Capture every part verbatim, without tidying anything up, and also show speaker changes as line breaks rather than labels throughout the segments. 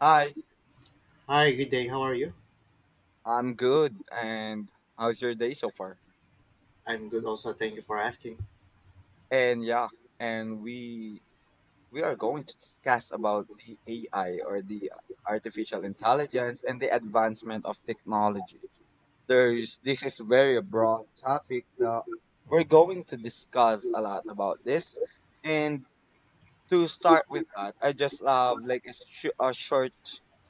Hi,
Hi, good day. How are you?
I'm good. And how's your day so far?
I'm good also. Thank you for asking.
And yeah, and we we are going to discuss about the A I or the artificial intelligence and the advancement of technology. There's this is very broad topic that we're going to discuss a lot about this. And to start with that, I just have like a, sh- a short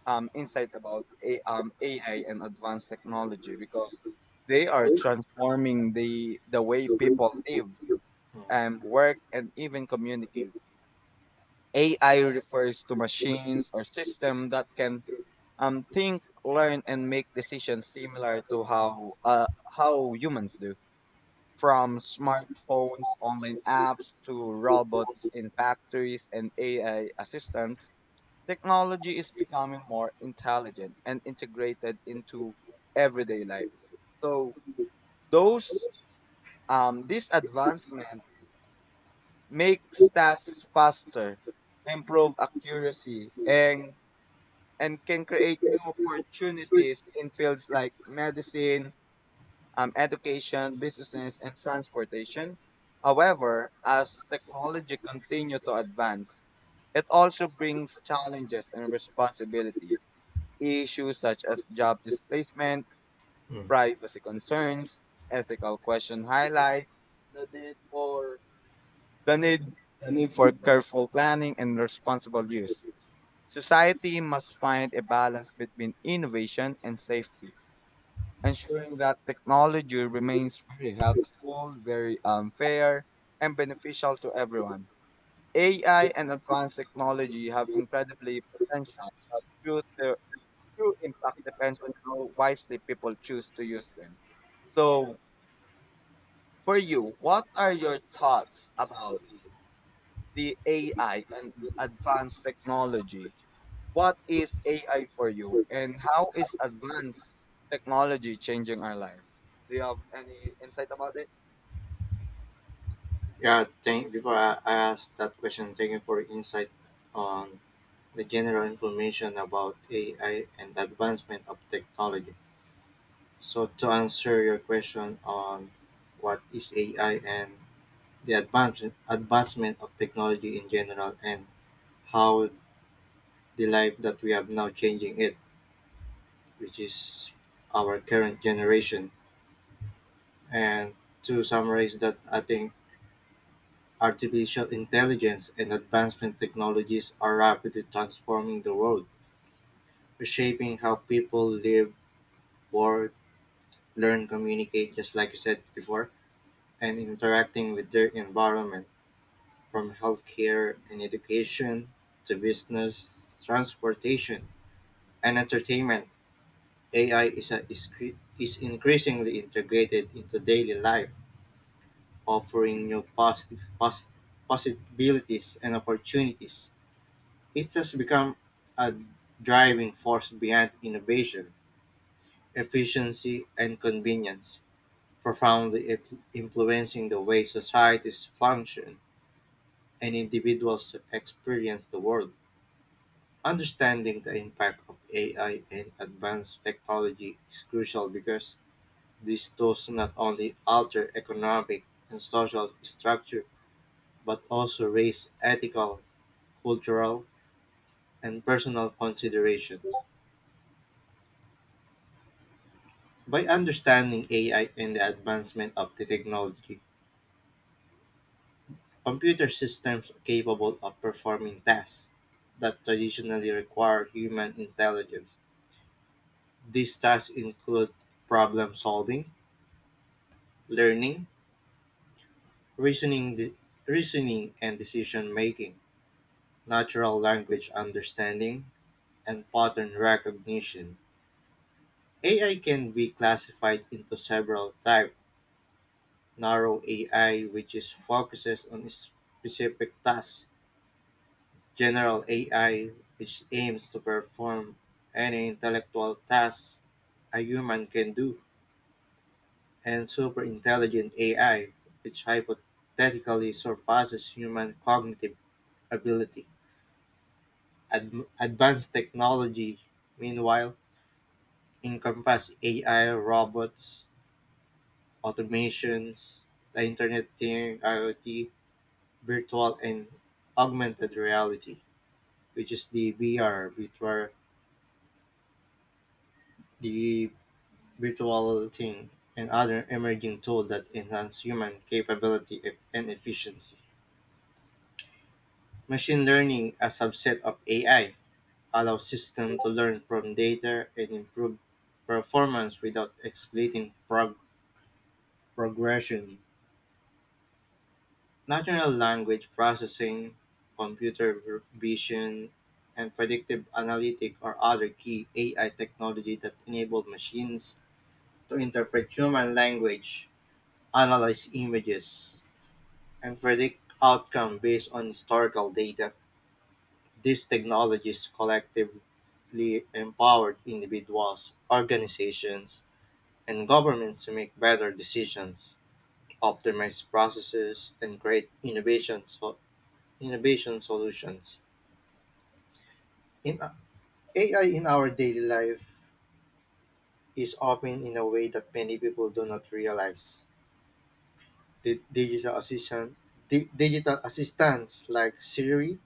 um, insight about a- um, A I and advanced technology because they are transforming the the way people live
Mm.
and work and even communicate. A I refers to machines or system that can um, think, learn, and make decisions similar to how uh, how humans do. From smartphones, online apps to robots in factories and A I assistants. Technology is becoming more intelligent and integrated into everyday life. So those um, this advancement makes tasks faster, improve accuracy, and and can create new opportunities in fields like medicine, um, education, business, and transportation. However, as technology continue to advance, it also brings challenges and responsibilities. Issues such as job displacement, privacy concerns, ethical questions highlight the need for the need, the need for careful planning and responsible use. Society must find a balance between innovation and safety, ensuring that technology remains very helpful, very unfair, and beneficial to everyone. A I and advanced technology have incredibly potential, but through their true impact depends on how wisely people choose to use them. So, for you, what are your thoughts about the A I and advanced technology? What is A I for you, and how is advanced technology changing our lives? Do you have any insight about it?
Yeah, thank before I, I ask that question, thank you for your insight on the general information about A I and advancement of technology. So to answer your question on what is A I and the advancement advancement of technology in general and how the life that we have now changing it, which is our current generation. And to summarize that, I think artificial intelligence and advancement technologies are rapidly transforming the world, reshaping how people live, work, learn, communicate, just like you said before, and interacting with their environment, from healthcare and education to business, transportation, and entertainment. A I is, a, is, cre- is increasingly integrated into daily life, offering new posi- pos- possibilities and opportunities. It has become a driving force behind innovation, efficiency, and convenience, profoundly ip- influencing the way societies function and individuals experience the world. Understanding the impact of A I and advanced technology is crucial because this does not only alter economic and social structure but also raise ethical, cultural, and personal considerations. By understanding A I and the advancement of the technology, computer systems are capable of performing tasks that traditionally require human intelligence. These tasks include problem solving, learning, reasoning, de- reasoning and decision making, natural language understanding, and pattern recognition. A I can be classified into several types. Narrow A I, which is focuses on specific tasks. General A I, which aims to perform any intellectual task a human can do, and superintelligent A I, which hypothetically surpasses human cognitive ability. Ad- advanced technology, meanwhile, encompass A I, robots, automations, the Internet Thing, IoT, virtual and augmented reality, which is the V R, virtual, the virtual thing, and other emerging tools that enhance human capability e- and efficiency. Machine learning, a subset of A I, allows systems to learn from data and improve performance without exploiting prog- progression. Natural language processing, computer vision, and predictive analytic are other key A I technology that enable machines to interpret human language, analyze images, and predict outcome based on historical data. These technologies collectively empowered individuals, organizations, and governments to make better decisions, optimize processes, and create innovation, so- innovation solutions. In A I in our daily life is often in a way that many people do not realize. The digital assistant, di- digital assistants like Siri,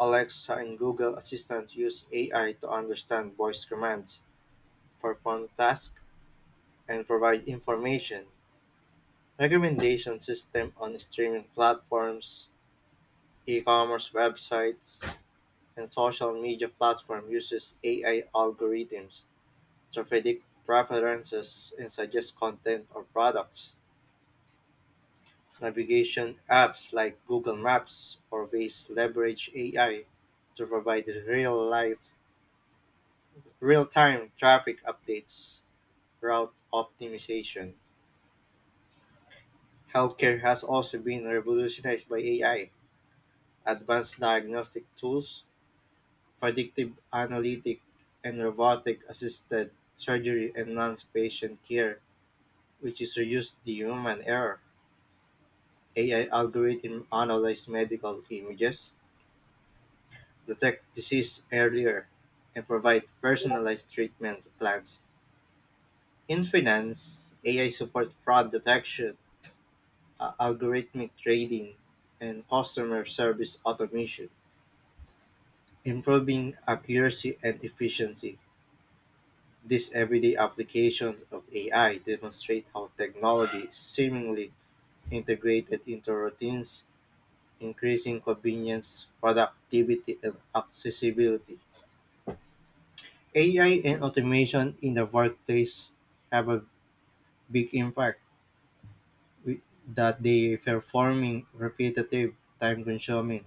Alexa, and Google Assistant use A I to understand voice commands, perform tasks, and provide information. Recommendation system on streaming platforms, e-commerce websites, and social media platform uses A I algorithms to predict preferences and suggest content or products. Navigation apps like Google Maps or Waze leverage A I to provide real-life, real-time traffic updates, route optimization. Healthcare has also been revolutionized by A I. Advanced diagnostic tools, predictive analytic, and robotic assisted surgery enhance patient care, which is reduced the human error. A I algorithm analyze medical images, detect disease earlier, and provide personalized treatment plans. In finance, A I support fraud detection, uh, algorithmic trading, and customer service automation, improving accuracy and efficiency. These everyday applications of A I demonstrate how technology is seemingly integrated into routines, increasing convenience, productivity, and accessibility. A I and automation in the workplace have a big impact with- that they performing repetitive, time consuming,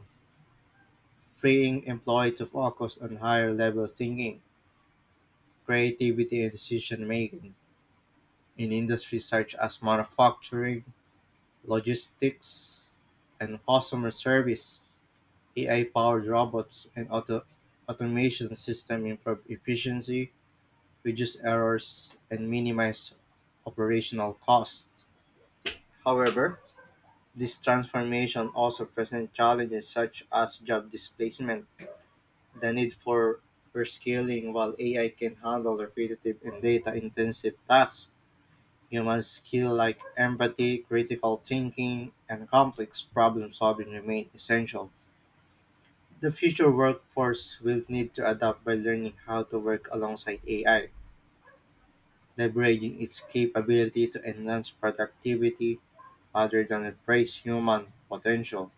freeing employees to focus on higher level thinking, creativity, and decision making in industries such as manufacturing, logistics, and customer service. A I powered robots and auto- automation systems improve efficiency, reduce errors, and minimize operational costs. However, this transformation also presents challenges such as job displacement, the need for rescaling. While A I can handle repetitive and data intensive tasks, human skills like empathy, critical thinking, and complex problem solving remain essential. The future workforce will need to adapt by learning how to work alongside A I, leveraging its capability to enhance productivity rather than replace human potential.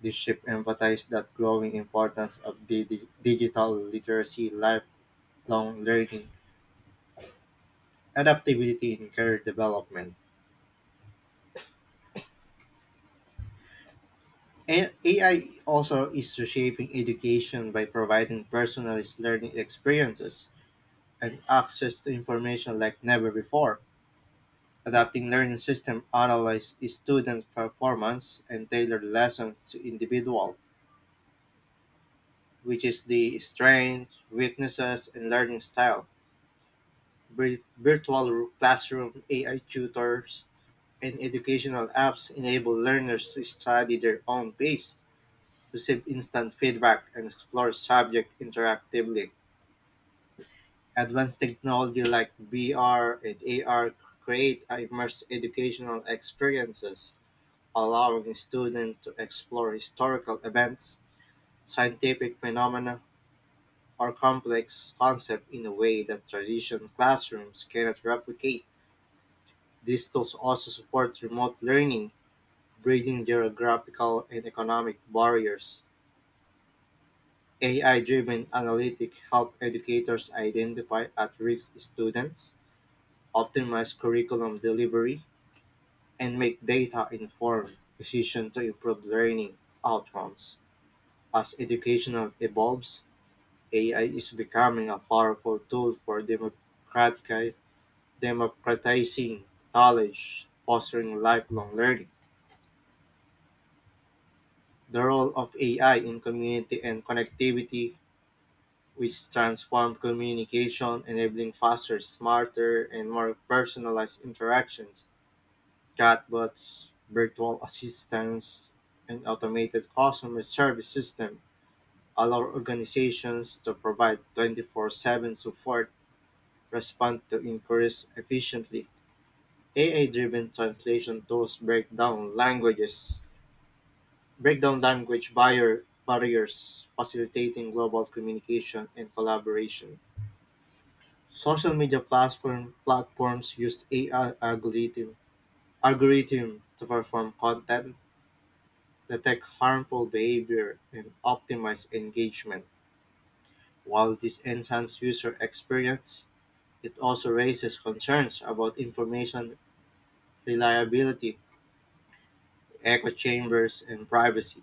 This shift emphasizes that growing importance of digi- digital literacy, lifelong learning, adaptability in career development. A- AI also is reshaping education by providing personalized learning experiences and access to information like never before. Adapting learning system analyze student performance and tailor lessons to individual, which is the strengths, weaknesses, and learning style. Vir- Virtual classroom, A I tutors, and educational apps enable learners to study their own pace, receive instant feedback, and explore subject interactively. Advanced technology like V R and A R create immersive educational experiences, allowing students to explore historical events, scientific phenomena, or complex concepts in a way that traditional classrooms cannot replicate. These tools also support remote learning, bridging geographical and economic barriers. A I driven analytics help educators identify at risk students, optimize curriculum delivery, and make data informed decisions to improve learning outcomes. As education evolves, A I is becoming a powerful tool for democratic- democratizing knowledge, fostering lifelong learning. The role of A I in community and connectivity which transformed communication, enabling faster, smarter, and more personalized interactions. Chatbots, virtual assistants, and automated customer service system allow organizations to provide twenty-four seven support, respond to inquiries efficiently. A I-driven translation tools break down languages, break down language barrier, barriers, facilitating global communication and collaboration. Social media platform platforms use A I algorithm algorithm to perform content, detect harmful behavior, and optimize engagement. While this enhances user experience, it also raises concerns about information reliability, echo chambers, and privacy.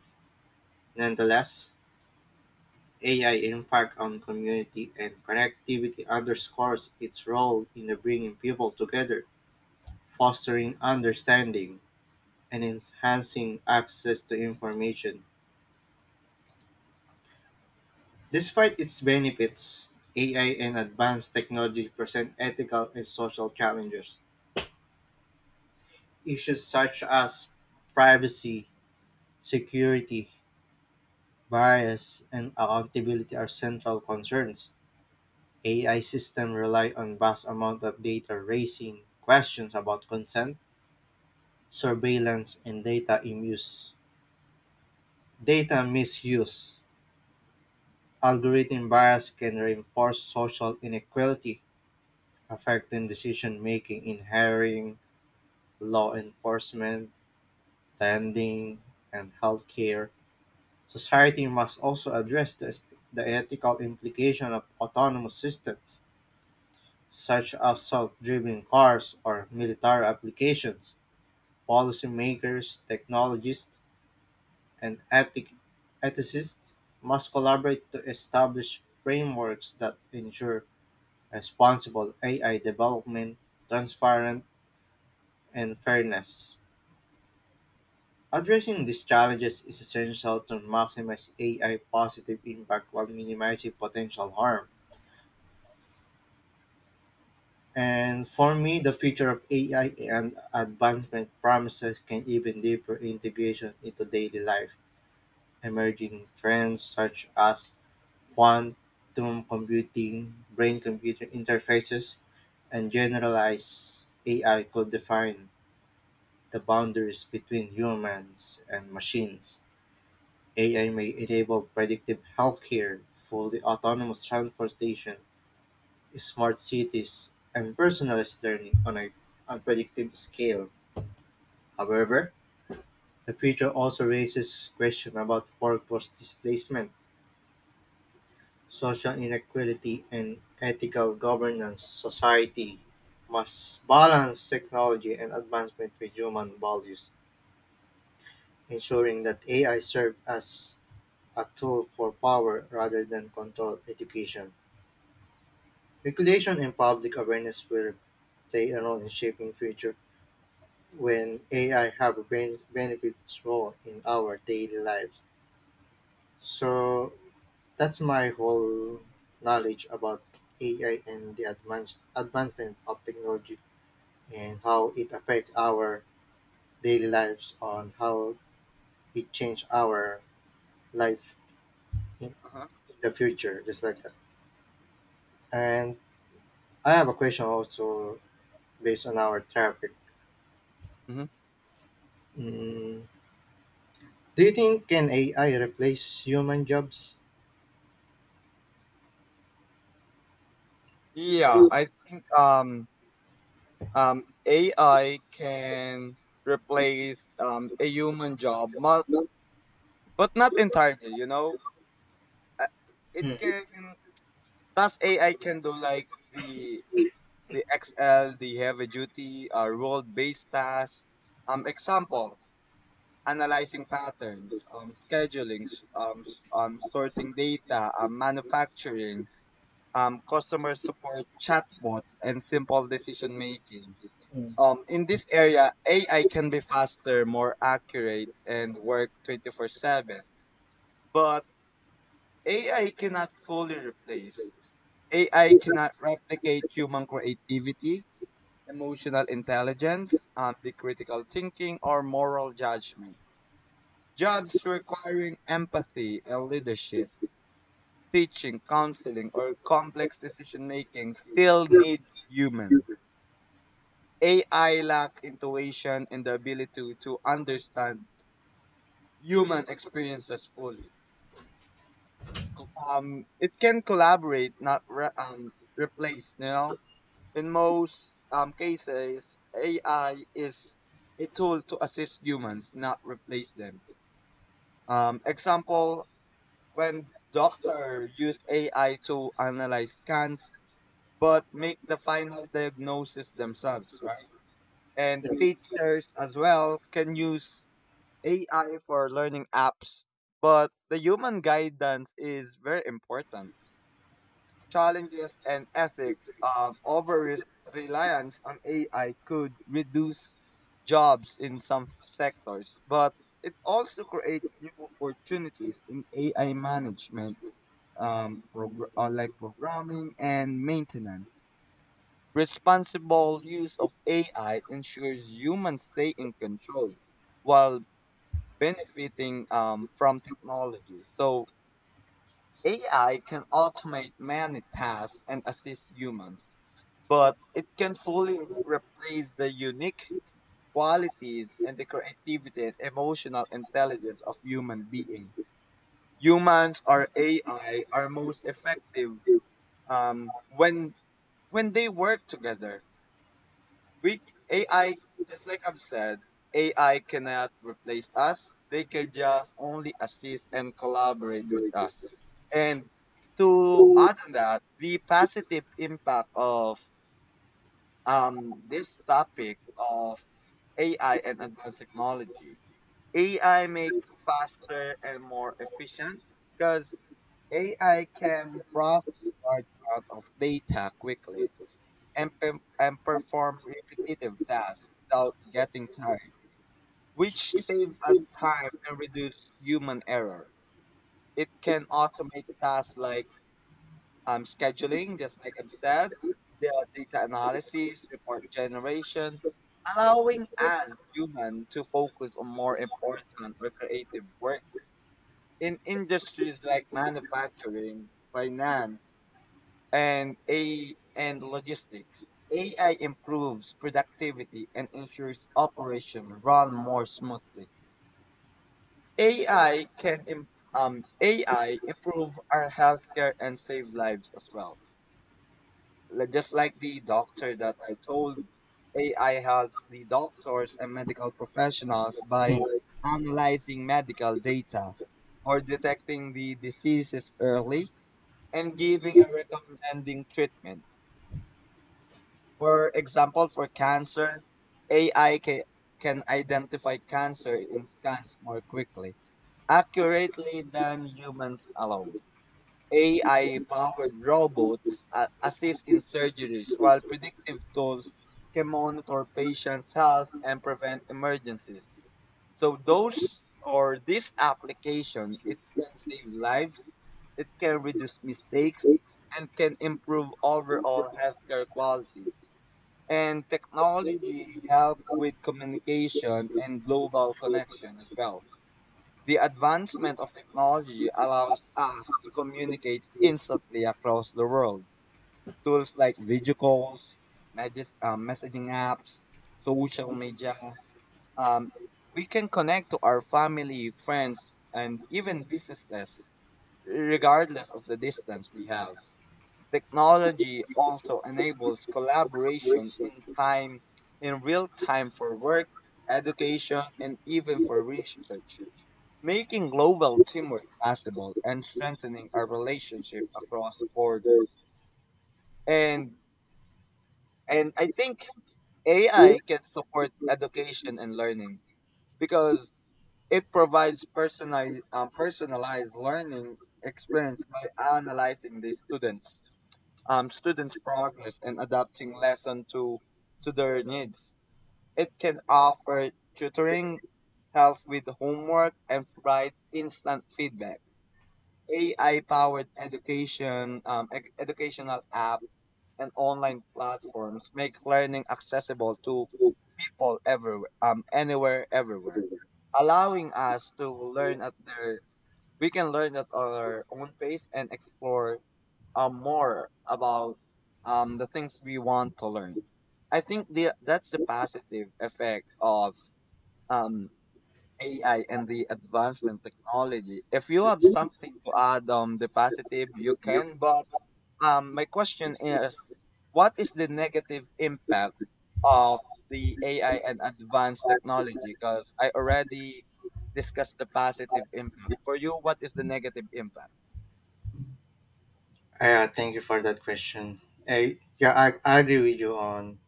Nonetheless, A I impact on community and connectivity underscores its role in bringing people together, fostering understanding and enhancing access to information. Despite its benefits, A I and advanced technology present ethical and social challenges. Issues such as privacy, security, bias, and accountability are central concerns. A I systems rely on vast amount of data raising questions about consent, surveillance, and data in use. Data misuse. Algorithm bias can reinforce social inequality affecting decision-making in hiring, law enforcement, lending, and healthcare. Society must also address the, est- the ethical implication of autonomous systems, such as self-driving cars or military applications. Policymakers, technologists, and ethic- ethicists must collaborate to establish frameworks that ensure responsible A I development, transparent, and fairness. Addressing these challenges is essential to maximize A I positive impact while minimizing potential harm. And for me, the future of A I and advancement promises can even deeper integration into daily life. Emerging trends such as quantum computing, brain computer interfaces, and generalized A I could define the boundaries between humans and machines. A I may enable predictive healthcare, fully autonomous transportation, smart cities, and personalized learning on an unpredictable scale. However, the future also raises questions about workforce displacement, social inequality, and ethical governance. Society must balance technology and advancement with human values, ensuring that A I serves as a tool for power rather than control education. Regulation and public awareness will play a role in shaping future when A I have a ben- benefits role in our daily lives. So that's my whole knowledge about A I and the advance advancement of technology and how it affects our daily lives on how it change our life in
Uh-huh.
the future, just like that. And I have a question also based on our topic.
hmm
Mm, do you think can A I replace human jobs?
Yeah, I think um, um, A I can replace um, a human job, but, but not entirely, you know? Uh, It
Mm,
can Plus A I can do like the the X L, the heavy duty, uh, role based tasks. Um, example, analyzing patterns, um, scheduling, s- um, s- um, sorting data, um, manufacturing, um, customer support chatbots, and simple decision making.
mm,
Um, in this area, A I can be faster, more accurate, and work twenty-four seven. But A I cannot fully replace A I cannot replicate human creativity, emotional intelligence, um, the critical thinking, or moral judgment. Jobs requiring empathy and leadership, teaching, counseling, or complex decision making still needs human. A I lack intuition and the ability to, to understand human experiences fully. Co- Um, it can collaborate, not re- um, replace. You know, in most um, cases, A I is a tool to assist humans, not replace them. Um, example, when doctors use A I to analyze scans, but make the final diagnosis themselves, right? And teachers as well can use A I for learning apps, but the human guidance is very important. Challenges and ethics of over reliance on A I could reduce jobs in some sectors, but it also creates new opportunities in A I management, um, progr- uh, like programming and maintenance. Responsible use of A I ensures humans stay in control while benefiting um, from technology. So A I can automate many tasks and assist humans, but it can fully replace the unique qualities and the creativity and emotional intelligence of human being. Humans or A I are most effective um, when when they work together. We A I, just like I've said, A I cannot replace us. They can just only assist and collaborate with us. And to add on that, the positive impact of um, this topic of A I and advanced technology. A I makes faster and more efficient because A I can process large amount of data quickly and, pe- and perform repetitive tasks without getting tired, which save us time and reduce human error. It can automate tasks like um, scheduling, just like I've said, the uh, data analysis, report generation, allowing us human to focus on more important or creative work in industries like manufacturing, finance, and a and logistics. A I improves productivity and ensures operation run more smoothly. A I can im- um, A I improve our healthcare and save lives as well. Li- just like the doctor that I told, A I helps the doctors and medical professionals by
mm.
analyzing medical data or detecting the diseases early and giving and recommending treatments. For example, for cancer, A I ca- can identify cancer in scans more quickly, accurately than humans alone. A I-powered robots a- assist in surgeries, while predictive tools can monitor patients' health and prevent emergencies. So those or this application, it can save lives, it can reduce mistakes, and can improve overall healthcare quality. And technology help with communication and global connection as well. The advancement of technology allows us to communicate instantly across the world. Tools like video calls, messages, uh, messaging apps, social media. Um, we can connect to our family, friends, and even businesses, regardless of the distance we have. Technology also enables collaboration in time, in real time for work, education, and even for research, making global teamwork possible and strengthening our relationship across borders. And and I think A I can support education and learning because it provides personalized um, personalized learning experience by analyzing the students um, students progress and adapting lesson to to their needs. It can offer tutoring, help with homework, and provide instant feedback. A I powered education, um, ec- educational app, and online platforms make learning accessible to people everywhere, um, anywhere, everywhere, allowing us to learn at their we can learn at our own pace and explore um, more about um, the things we want to learn. I think the that's the positive effect of um, A I and the advancement technology. If you have something to add on the positive, you can. But um, my question is, what is the negative impact of the A I and advanced technology? Because I already discussed the positive impact. For you, what is the negative impact?
Uh, thank you for that question. I, yeah, I, I agree with you on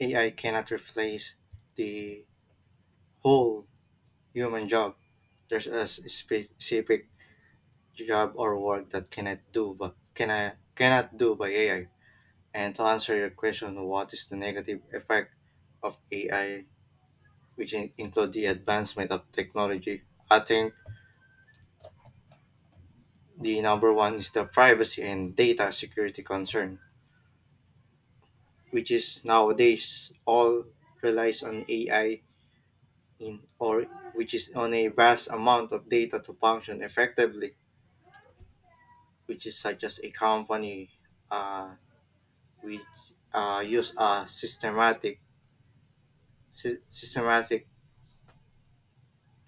A I cannot replace the whole human job. There's a s- specific job or work that cannot do but can I, cannot do by A I. And to answer your question, what is the negative effect of A I, which in, include the advancement of technology? I think the number one is the privacy and data security concern, which is nowadays all relies on A I in or which is on a vast amount of data to function effectively, which is such as a company uh, which uh, use a systematic sy- systematic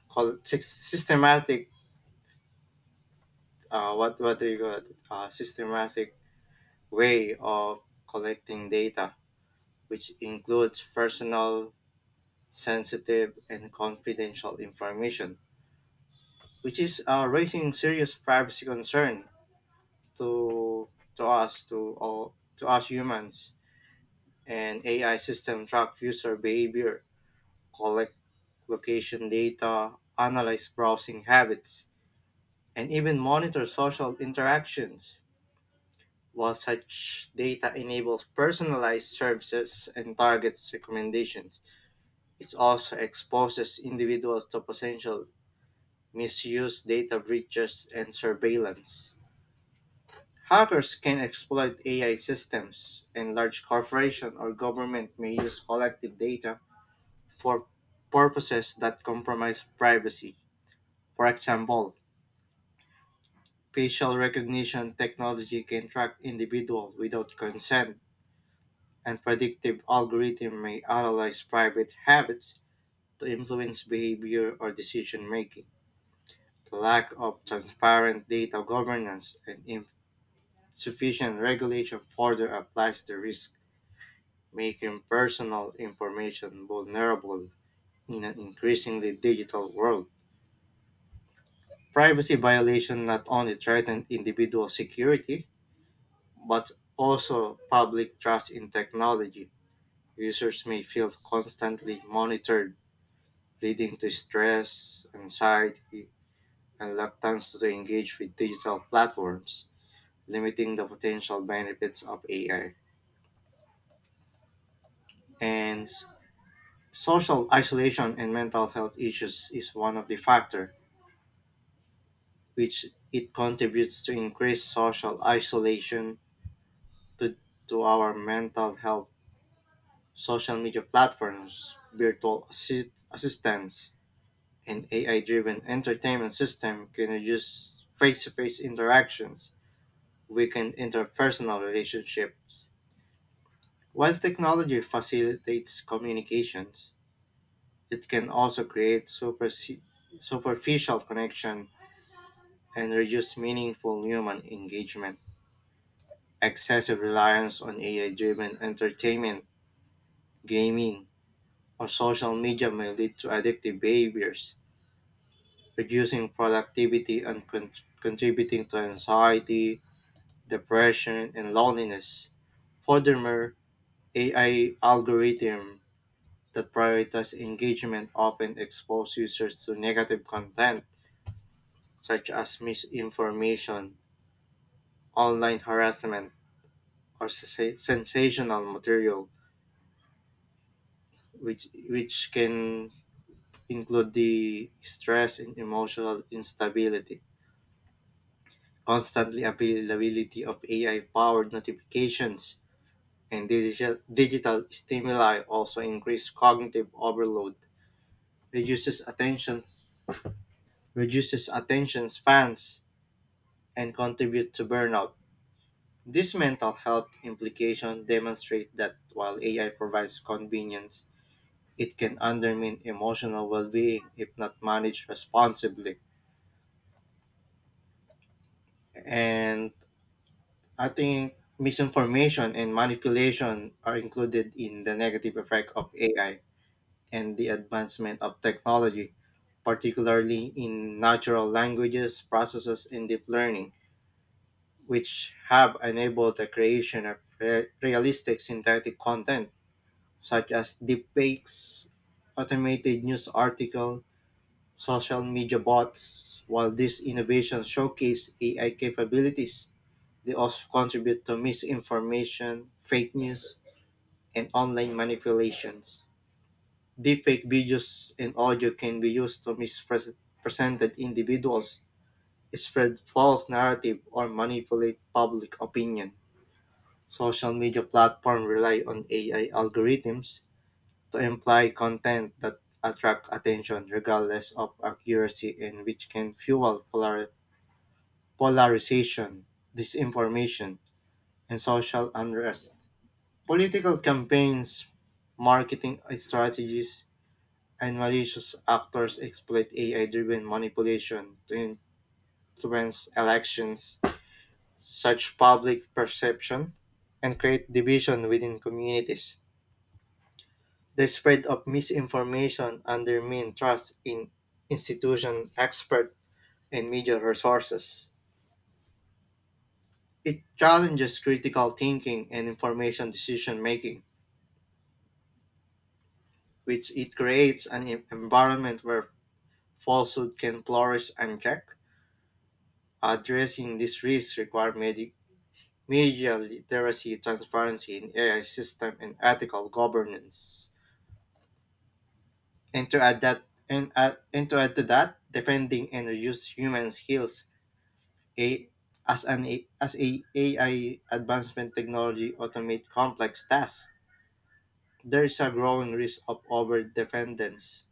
col- sy- systematic uh, what what do you call it? Uh, systematic way of collecting data, which includes personal, sensitive, and confidential information, which is uh, raising serious privacy concern to to us to all to us humans. And A I system track user behavior, collect location data, analyze browsing habits, and even monitor social interactions. While such data enables personalized services and targets recommendations, it also exposes individuals to potential misuse, data breaches, and surveillance. Hackers can exploit A I systems, and large corporations or government may use collective data for purposes that compromise privacy. For example, facial recognition technology can track individuals without consent, and predictive algorithms may analyze private habits to influence behavior or decision making. The lack of transparent data governance and sufficient regulation further applies the risk, making personal information vulnerable in an increasingly digital world. Privacy violation not only threaten individual security, but also public trust in technology. Users may feel constantly monitored, leading to stress, anxiety, and reluctance to engage with digital platforms, limiting the potential benefits of A I. And social isolation and mental health issues is one of the factor which it contributes to increased social isolation to, to our mental health. Social media platforms, virtual assist, assistants, and A I-driven entertainment system can reduce face-to-face interactions, weaken interpersonal relationships. While technology facilitates communications, it can also create superse- superficial connection and reduce meaningful human engagement. Excessive reliance on A I driven entertainment, gaming, or social media may lead to addictive behaviors, reducing productivity and con- contributing to anxiety, depression, and loneliness. Furthermore, A I algorithms that prioritize engagement often expose users to negative content such as misinformation, online harassment, or sensa- sensational material which which can include the stress and emotional instability, constantly availability of A I powered notifications and digital, digital stimuli also increase cognitive overload, reduces attention reduces attention spans and contribute to burnout. These mental health implications demonstrate that while A I provides convenience, it can undermine emotional well-being if not managed responsibly. And I think misinformation and manipulation are included in the negative effect of A I and the advancement of technology, particularly in natural languages, processes, and deep learning, which have enabled the creation of re- realistic synthetic content such as deepfakes, automated news article, social media bots. While these innovations showcase A I capabilities, they also contribute to misinformation, fake news, and online manipulations. Deepfake videos and audio can be used to misrepresent individuals, spread false narrative, or manipulate public opinion. Social media platforms rely on A I algorithms to imply content that attract attention regardless of accuracy and which can fuel polar- polarization, disinformation, and social unrest. Political campaigns, marketing strategies, and malicious actors exploit A I driven manipulation to influence elections, such public perception, and create division within communities. The spread of misinformation undermines trust in institution expert and media resources. It challenges critical thinking and information decision making, which it creates an environment where falsehood can flourish unchecked. Addressing these risks require medi- media literacy, transparency in A I system, and ethical governance. And to add that, and, add, and to add to that, defending and reduce human skills. A, as an A- as a AI advancement technology automate complex tasks, there is a growing risk of over dependence,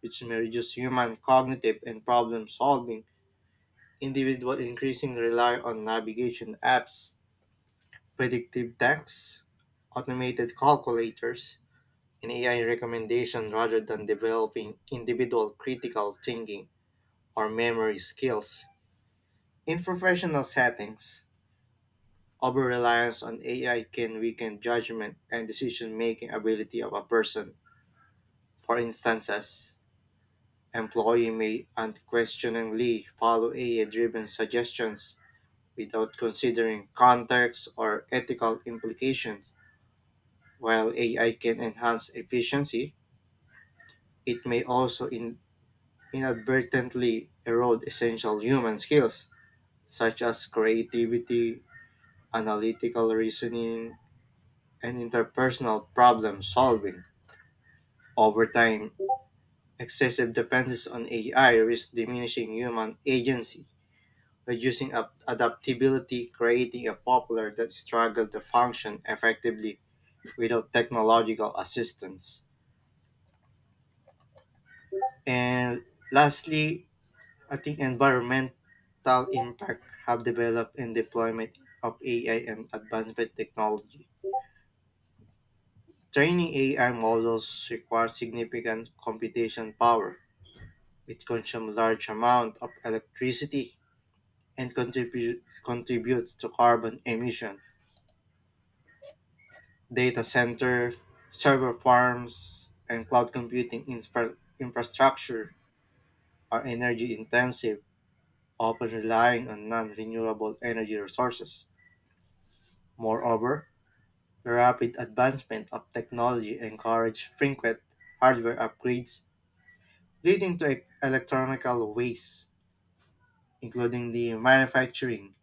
which may reduce human cognitive and problem solving. Individuals increasing rely on navigation apps, predictive texts, automated calculators, and A I recommendation rather than developing individual critical thinking or memory skills. In professional settings, over reliance on A I can weaken judgment and decision making ability of a person. For instances, employee may unquestioningly follow A I driven suggestions without considering context or ethical implications. While A I can enhance efficiency, it may also in- inadvertently erode essential human skills, such as creativity, analytical reasoning, and interpersonal problem solving. Over time, excessive dependence on A I risks diminishing human agency, reducing up adaptability, creating a popular that struggle to function effectively without technological assistance. And lastly, I think environmental impact have developed and deployment of A I and advancement technology. Training A I models requires significant computation power. It consumes large amount of electricity and contribute, contributes to carbon emission. Data center, server farms, and cloud computing infra- infrastructure are energy intensive often relying on non renewable energy resources. Moreover, the rapid advancement of technology encouraged frequent hardware upgrades, leading to e- electronical waste, including the manufacturing,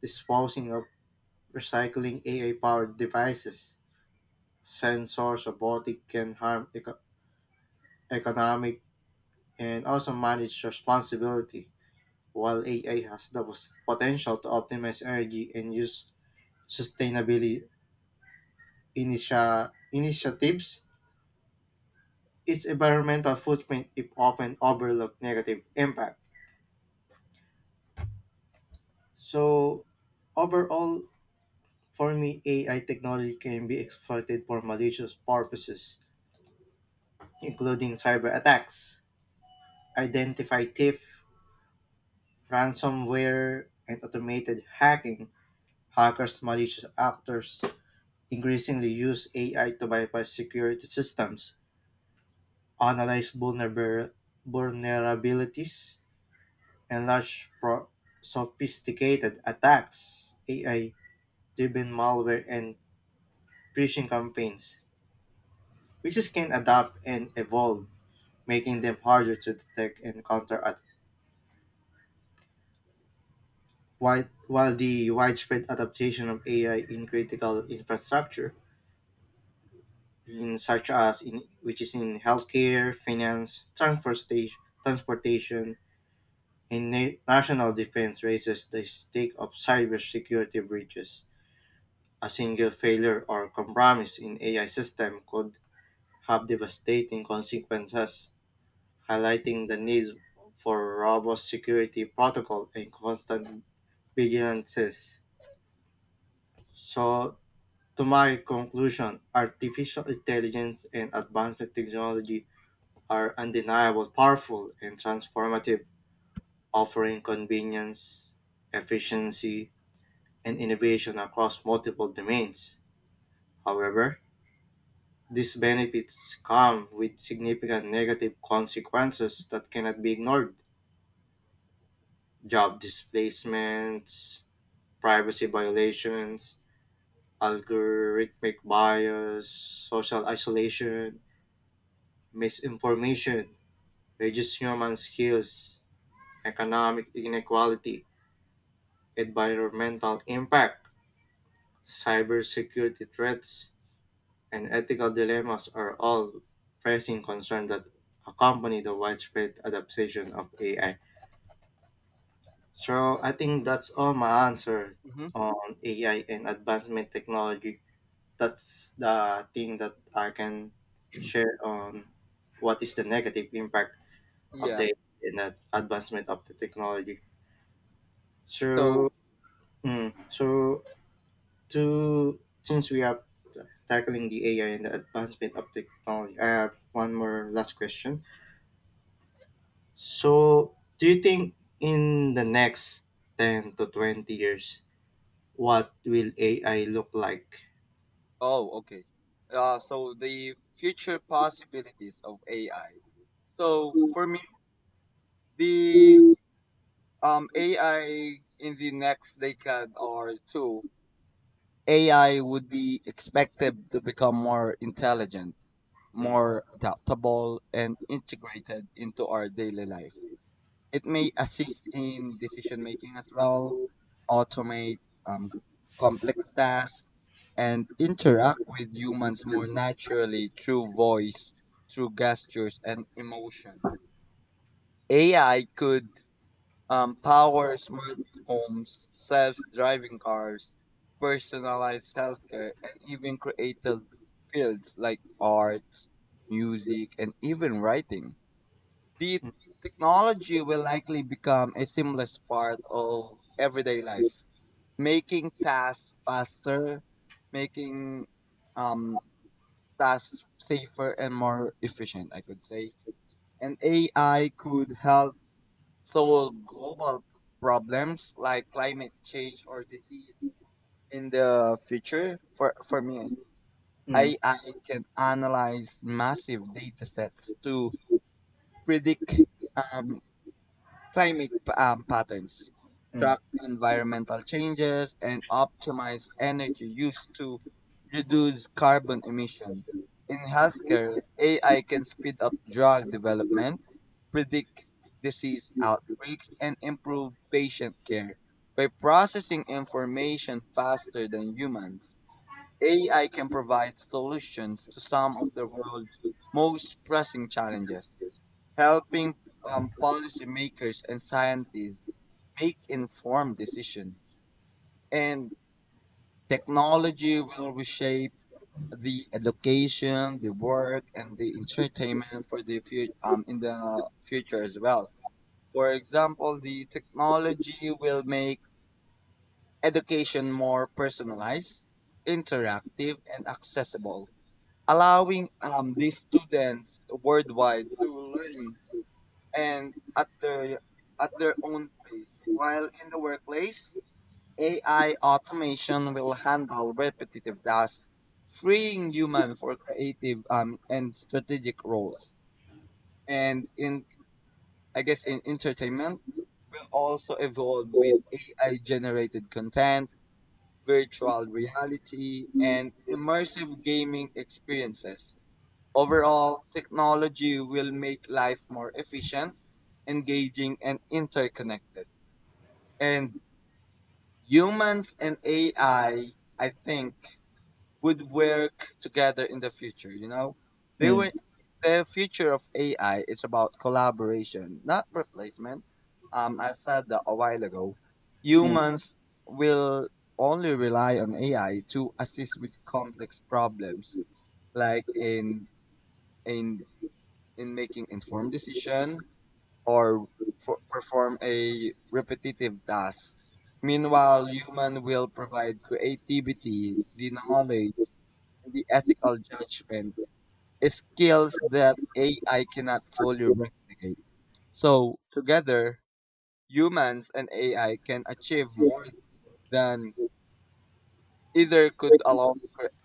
disposing of recycling A I powered devices. Sensors, robotic can harm eco- economic and also manage responsibility, while A I has the pos- potential to optimize energy and use sustainability initia- initiatives, its environmental footprint is often overlooked negative impact. So overall, for me, A I technology can be exploited for malicious purposes, including cyber attacks, identify thief, ransomware, and automated hacking. Hackers, malicious actors increasingly use A I to bypass security systems, analyze vulnerab vulnerabilities, and large pro- sophisticated attacks, A I driven malware, and phishing campaigns. Viruses can adapt and evolve, making them harder to detect and counter at while, while the widespread adaptation of A I in critical infrastructure, in such as in which is in healthcare, finance, transportation, transportation, and na- national defense raises the stake of cybersecurity breaches. A single failure or compromise in A I system could have devastating consequences, highlighting the need for robust security protocol and constant vigilances. So, to my conclusion, artificial intelligence and advancement technology are undeniable, powerful, and transformative, offering convenience, efficiency, and innovation across multiple domains. However, these benefits come with significant negative consequences that cannot be ignored: job displacements, privacy violations, algorithmic bias, social isolation, misinformation, reduced human skills, economic inequality, environmental impact, cybersecurity threats, and ethical dilemmas are all pressing concerns that accompany the widespread adaptation of A I. So I think that's all my answer
hmm
on A I and advancement technology. That's the thing that I can share on what is the negative impact of
Yeah.
the and the advancement of the technology.
So,
So, mm, so to since we are tackling the A I and the advancement of technology, I have one more last question. So, do you think in the next ten to twenty years what will A I look like?
oh, okay. Uh, so the future possibilities of A I. So
Mm.
for me, the
Mm.
Um, A I in the next decade or two, A I would be expected to become more intelligent, more adaptable, and integrated into our daily life. It may assist in decision making as well,
Mm.
automate um, complex tasks, and interact with humans more naturally through voice, through gestures, and emotions. A I could um, power smart homes, self-driving cars, personalized healthcare, and even creative fields like arts, music, and even writing. The technology will likely become a seamless part of everyday life, making tasks faster, making um, tasks safer and more efficient, I could say. And A I could help solve global problems like climate change or disease in the future. For for me
Mm.
AI can analyze massive data sets to predict um, climate um, patterns,
Mm.
track environmental changes, and optimize energy use to reduce carbon emission. In healthcare, A I can speed up drug development, predict disease outbreaks, and improve patient care. By processing information faster than humans, A I can provide solutions to some of the world's most pressing challenges, helping um, policymakers and scientists make informed decisions. And technology will reshape the education, the work, and the entertainment for the future um, in the future as well. For example, the technology will make education more personalized, interactive, and accessible, allowing um, the students worldwide to learn and at their at their own pace. While in the workplace, A I automation will handle repetitive tasks, freeing human for creative um, and strategic roles. And in I guess in entertainment will also evolve with A I generated content, virtual reality,
Mm.
and immersive gaming experiences. Overall, technology will make life more efficient, engaging, and interconnected. And humans and A I, I I think, would work together in the future. You know, they will.
Mm.
The future of A I is about collaboration, not replacement. Um, I said that a while ago.
Mm.
Humans will only rely on A I to assist with complex problems, like in in in making informed decision or for, perform a repetitive task. Meanwhile, human will provide creativity, the knowledge, and the ethical judgment, skills that A I cannot fully replicate. So, together, humans and A I can achieve more than either could alone cre-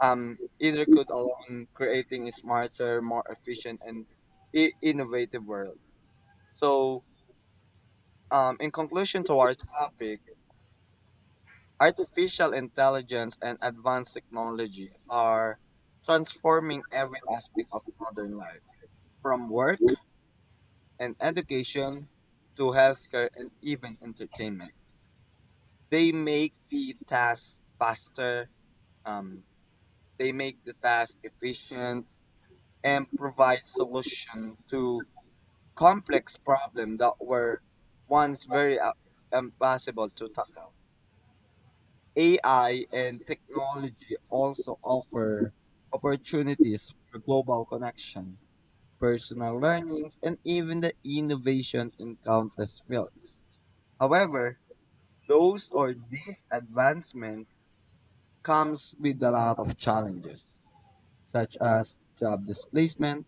um either could alone, creating a smarter, more efficient and i- innovative world. So, Um, in conclusion to our topic, artificial intelligence and advanced technology are transforming every aspect of modern life, from work and education to healthcare and even entertainment. They make the task faster, um, they make the task efficient, and provide solution to complex problems that were once very uh, impossible to tackle. A I and technology also offer opportunities for global connection, personal learnings, and even the innovation in countless fields. However, those or these advancements comes with a lot of challenges, such as job displacement,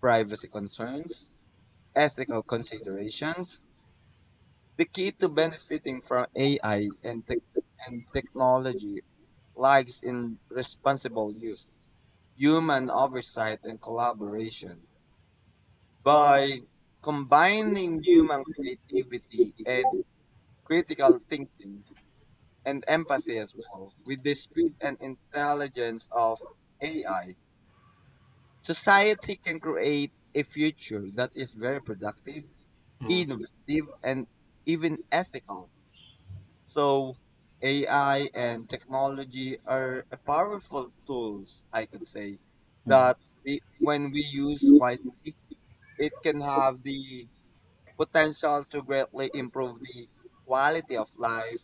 privacy concerns, ethical considerations. The key to benefiting from A I and, tech and technology lies in responsible use, human oversight, and collaboration. By combining human creativity and critical thinking and empathy as well with the speed and intelligence of A I, society can create a future that is very productive, innovative, and even ethical. So A I and technology are a powerful tools, I could say, that we, when we use wisely, it can have the potential to greatly improve the quality of life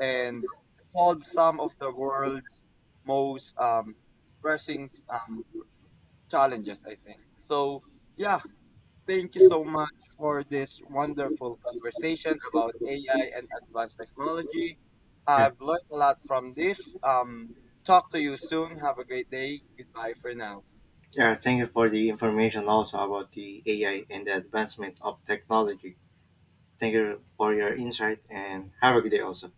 and solve some of the world's most um, pressing um, challenges, I think. So, yeah, thank you so much for this wonderful conversation about A I and advanced technology.
Yeah.
I've learned a lot from this. Um, talk to you soon. Have a great day. Goodbye for now.
Yeah. Thank you for the information also about the A I and the advancement of technology. Thank you for your insight and have a good day also.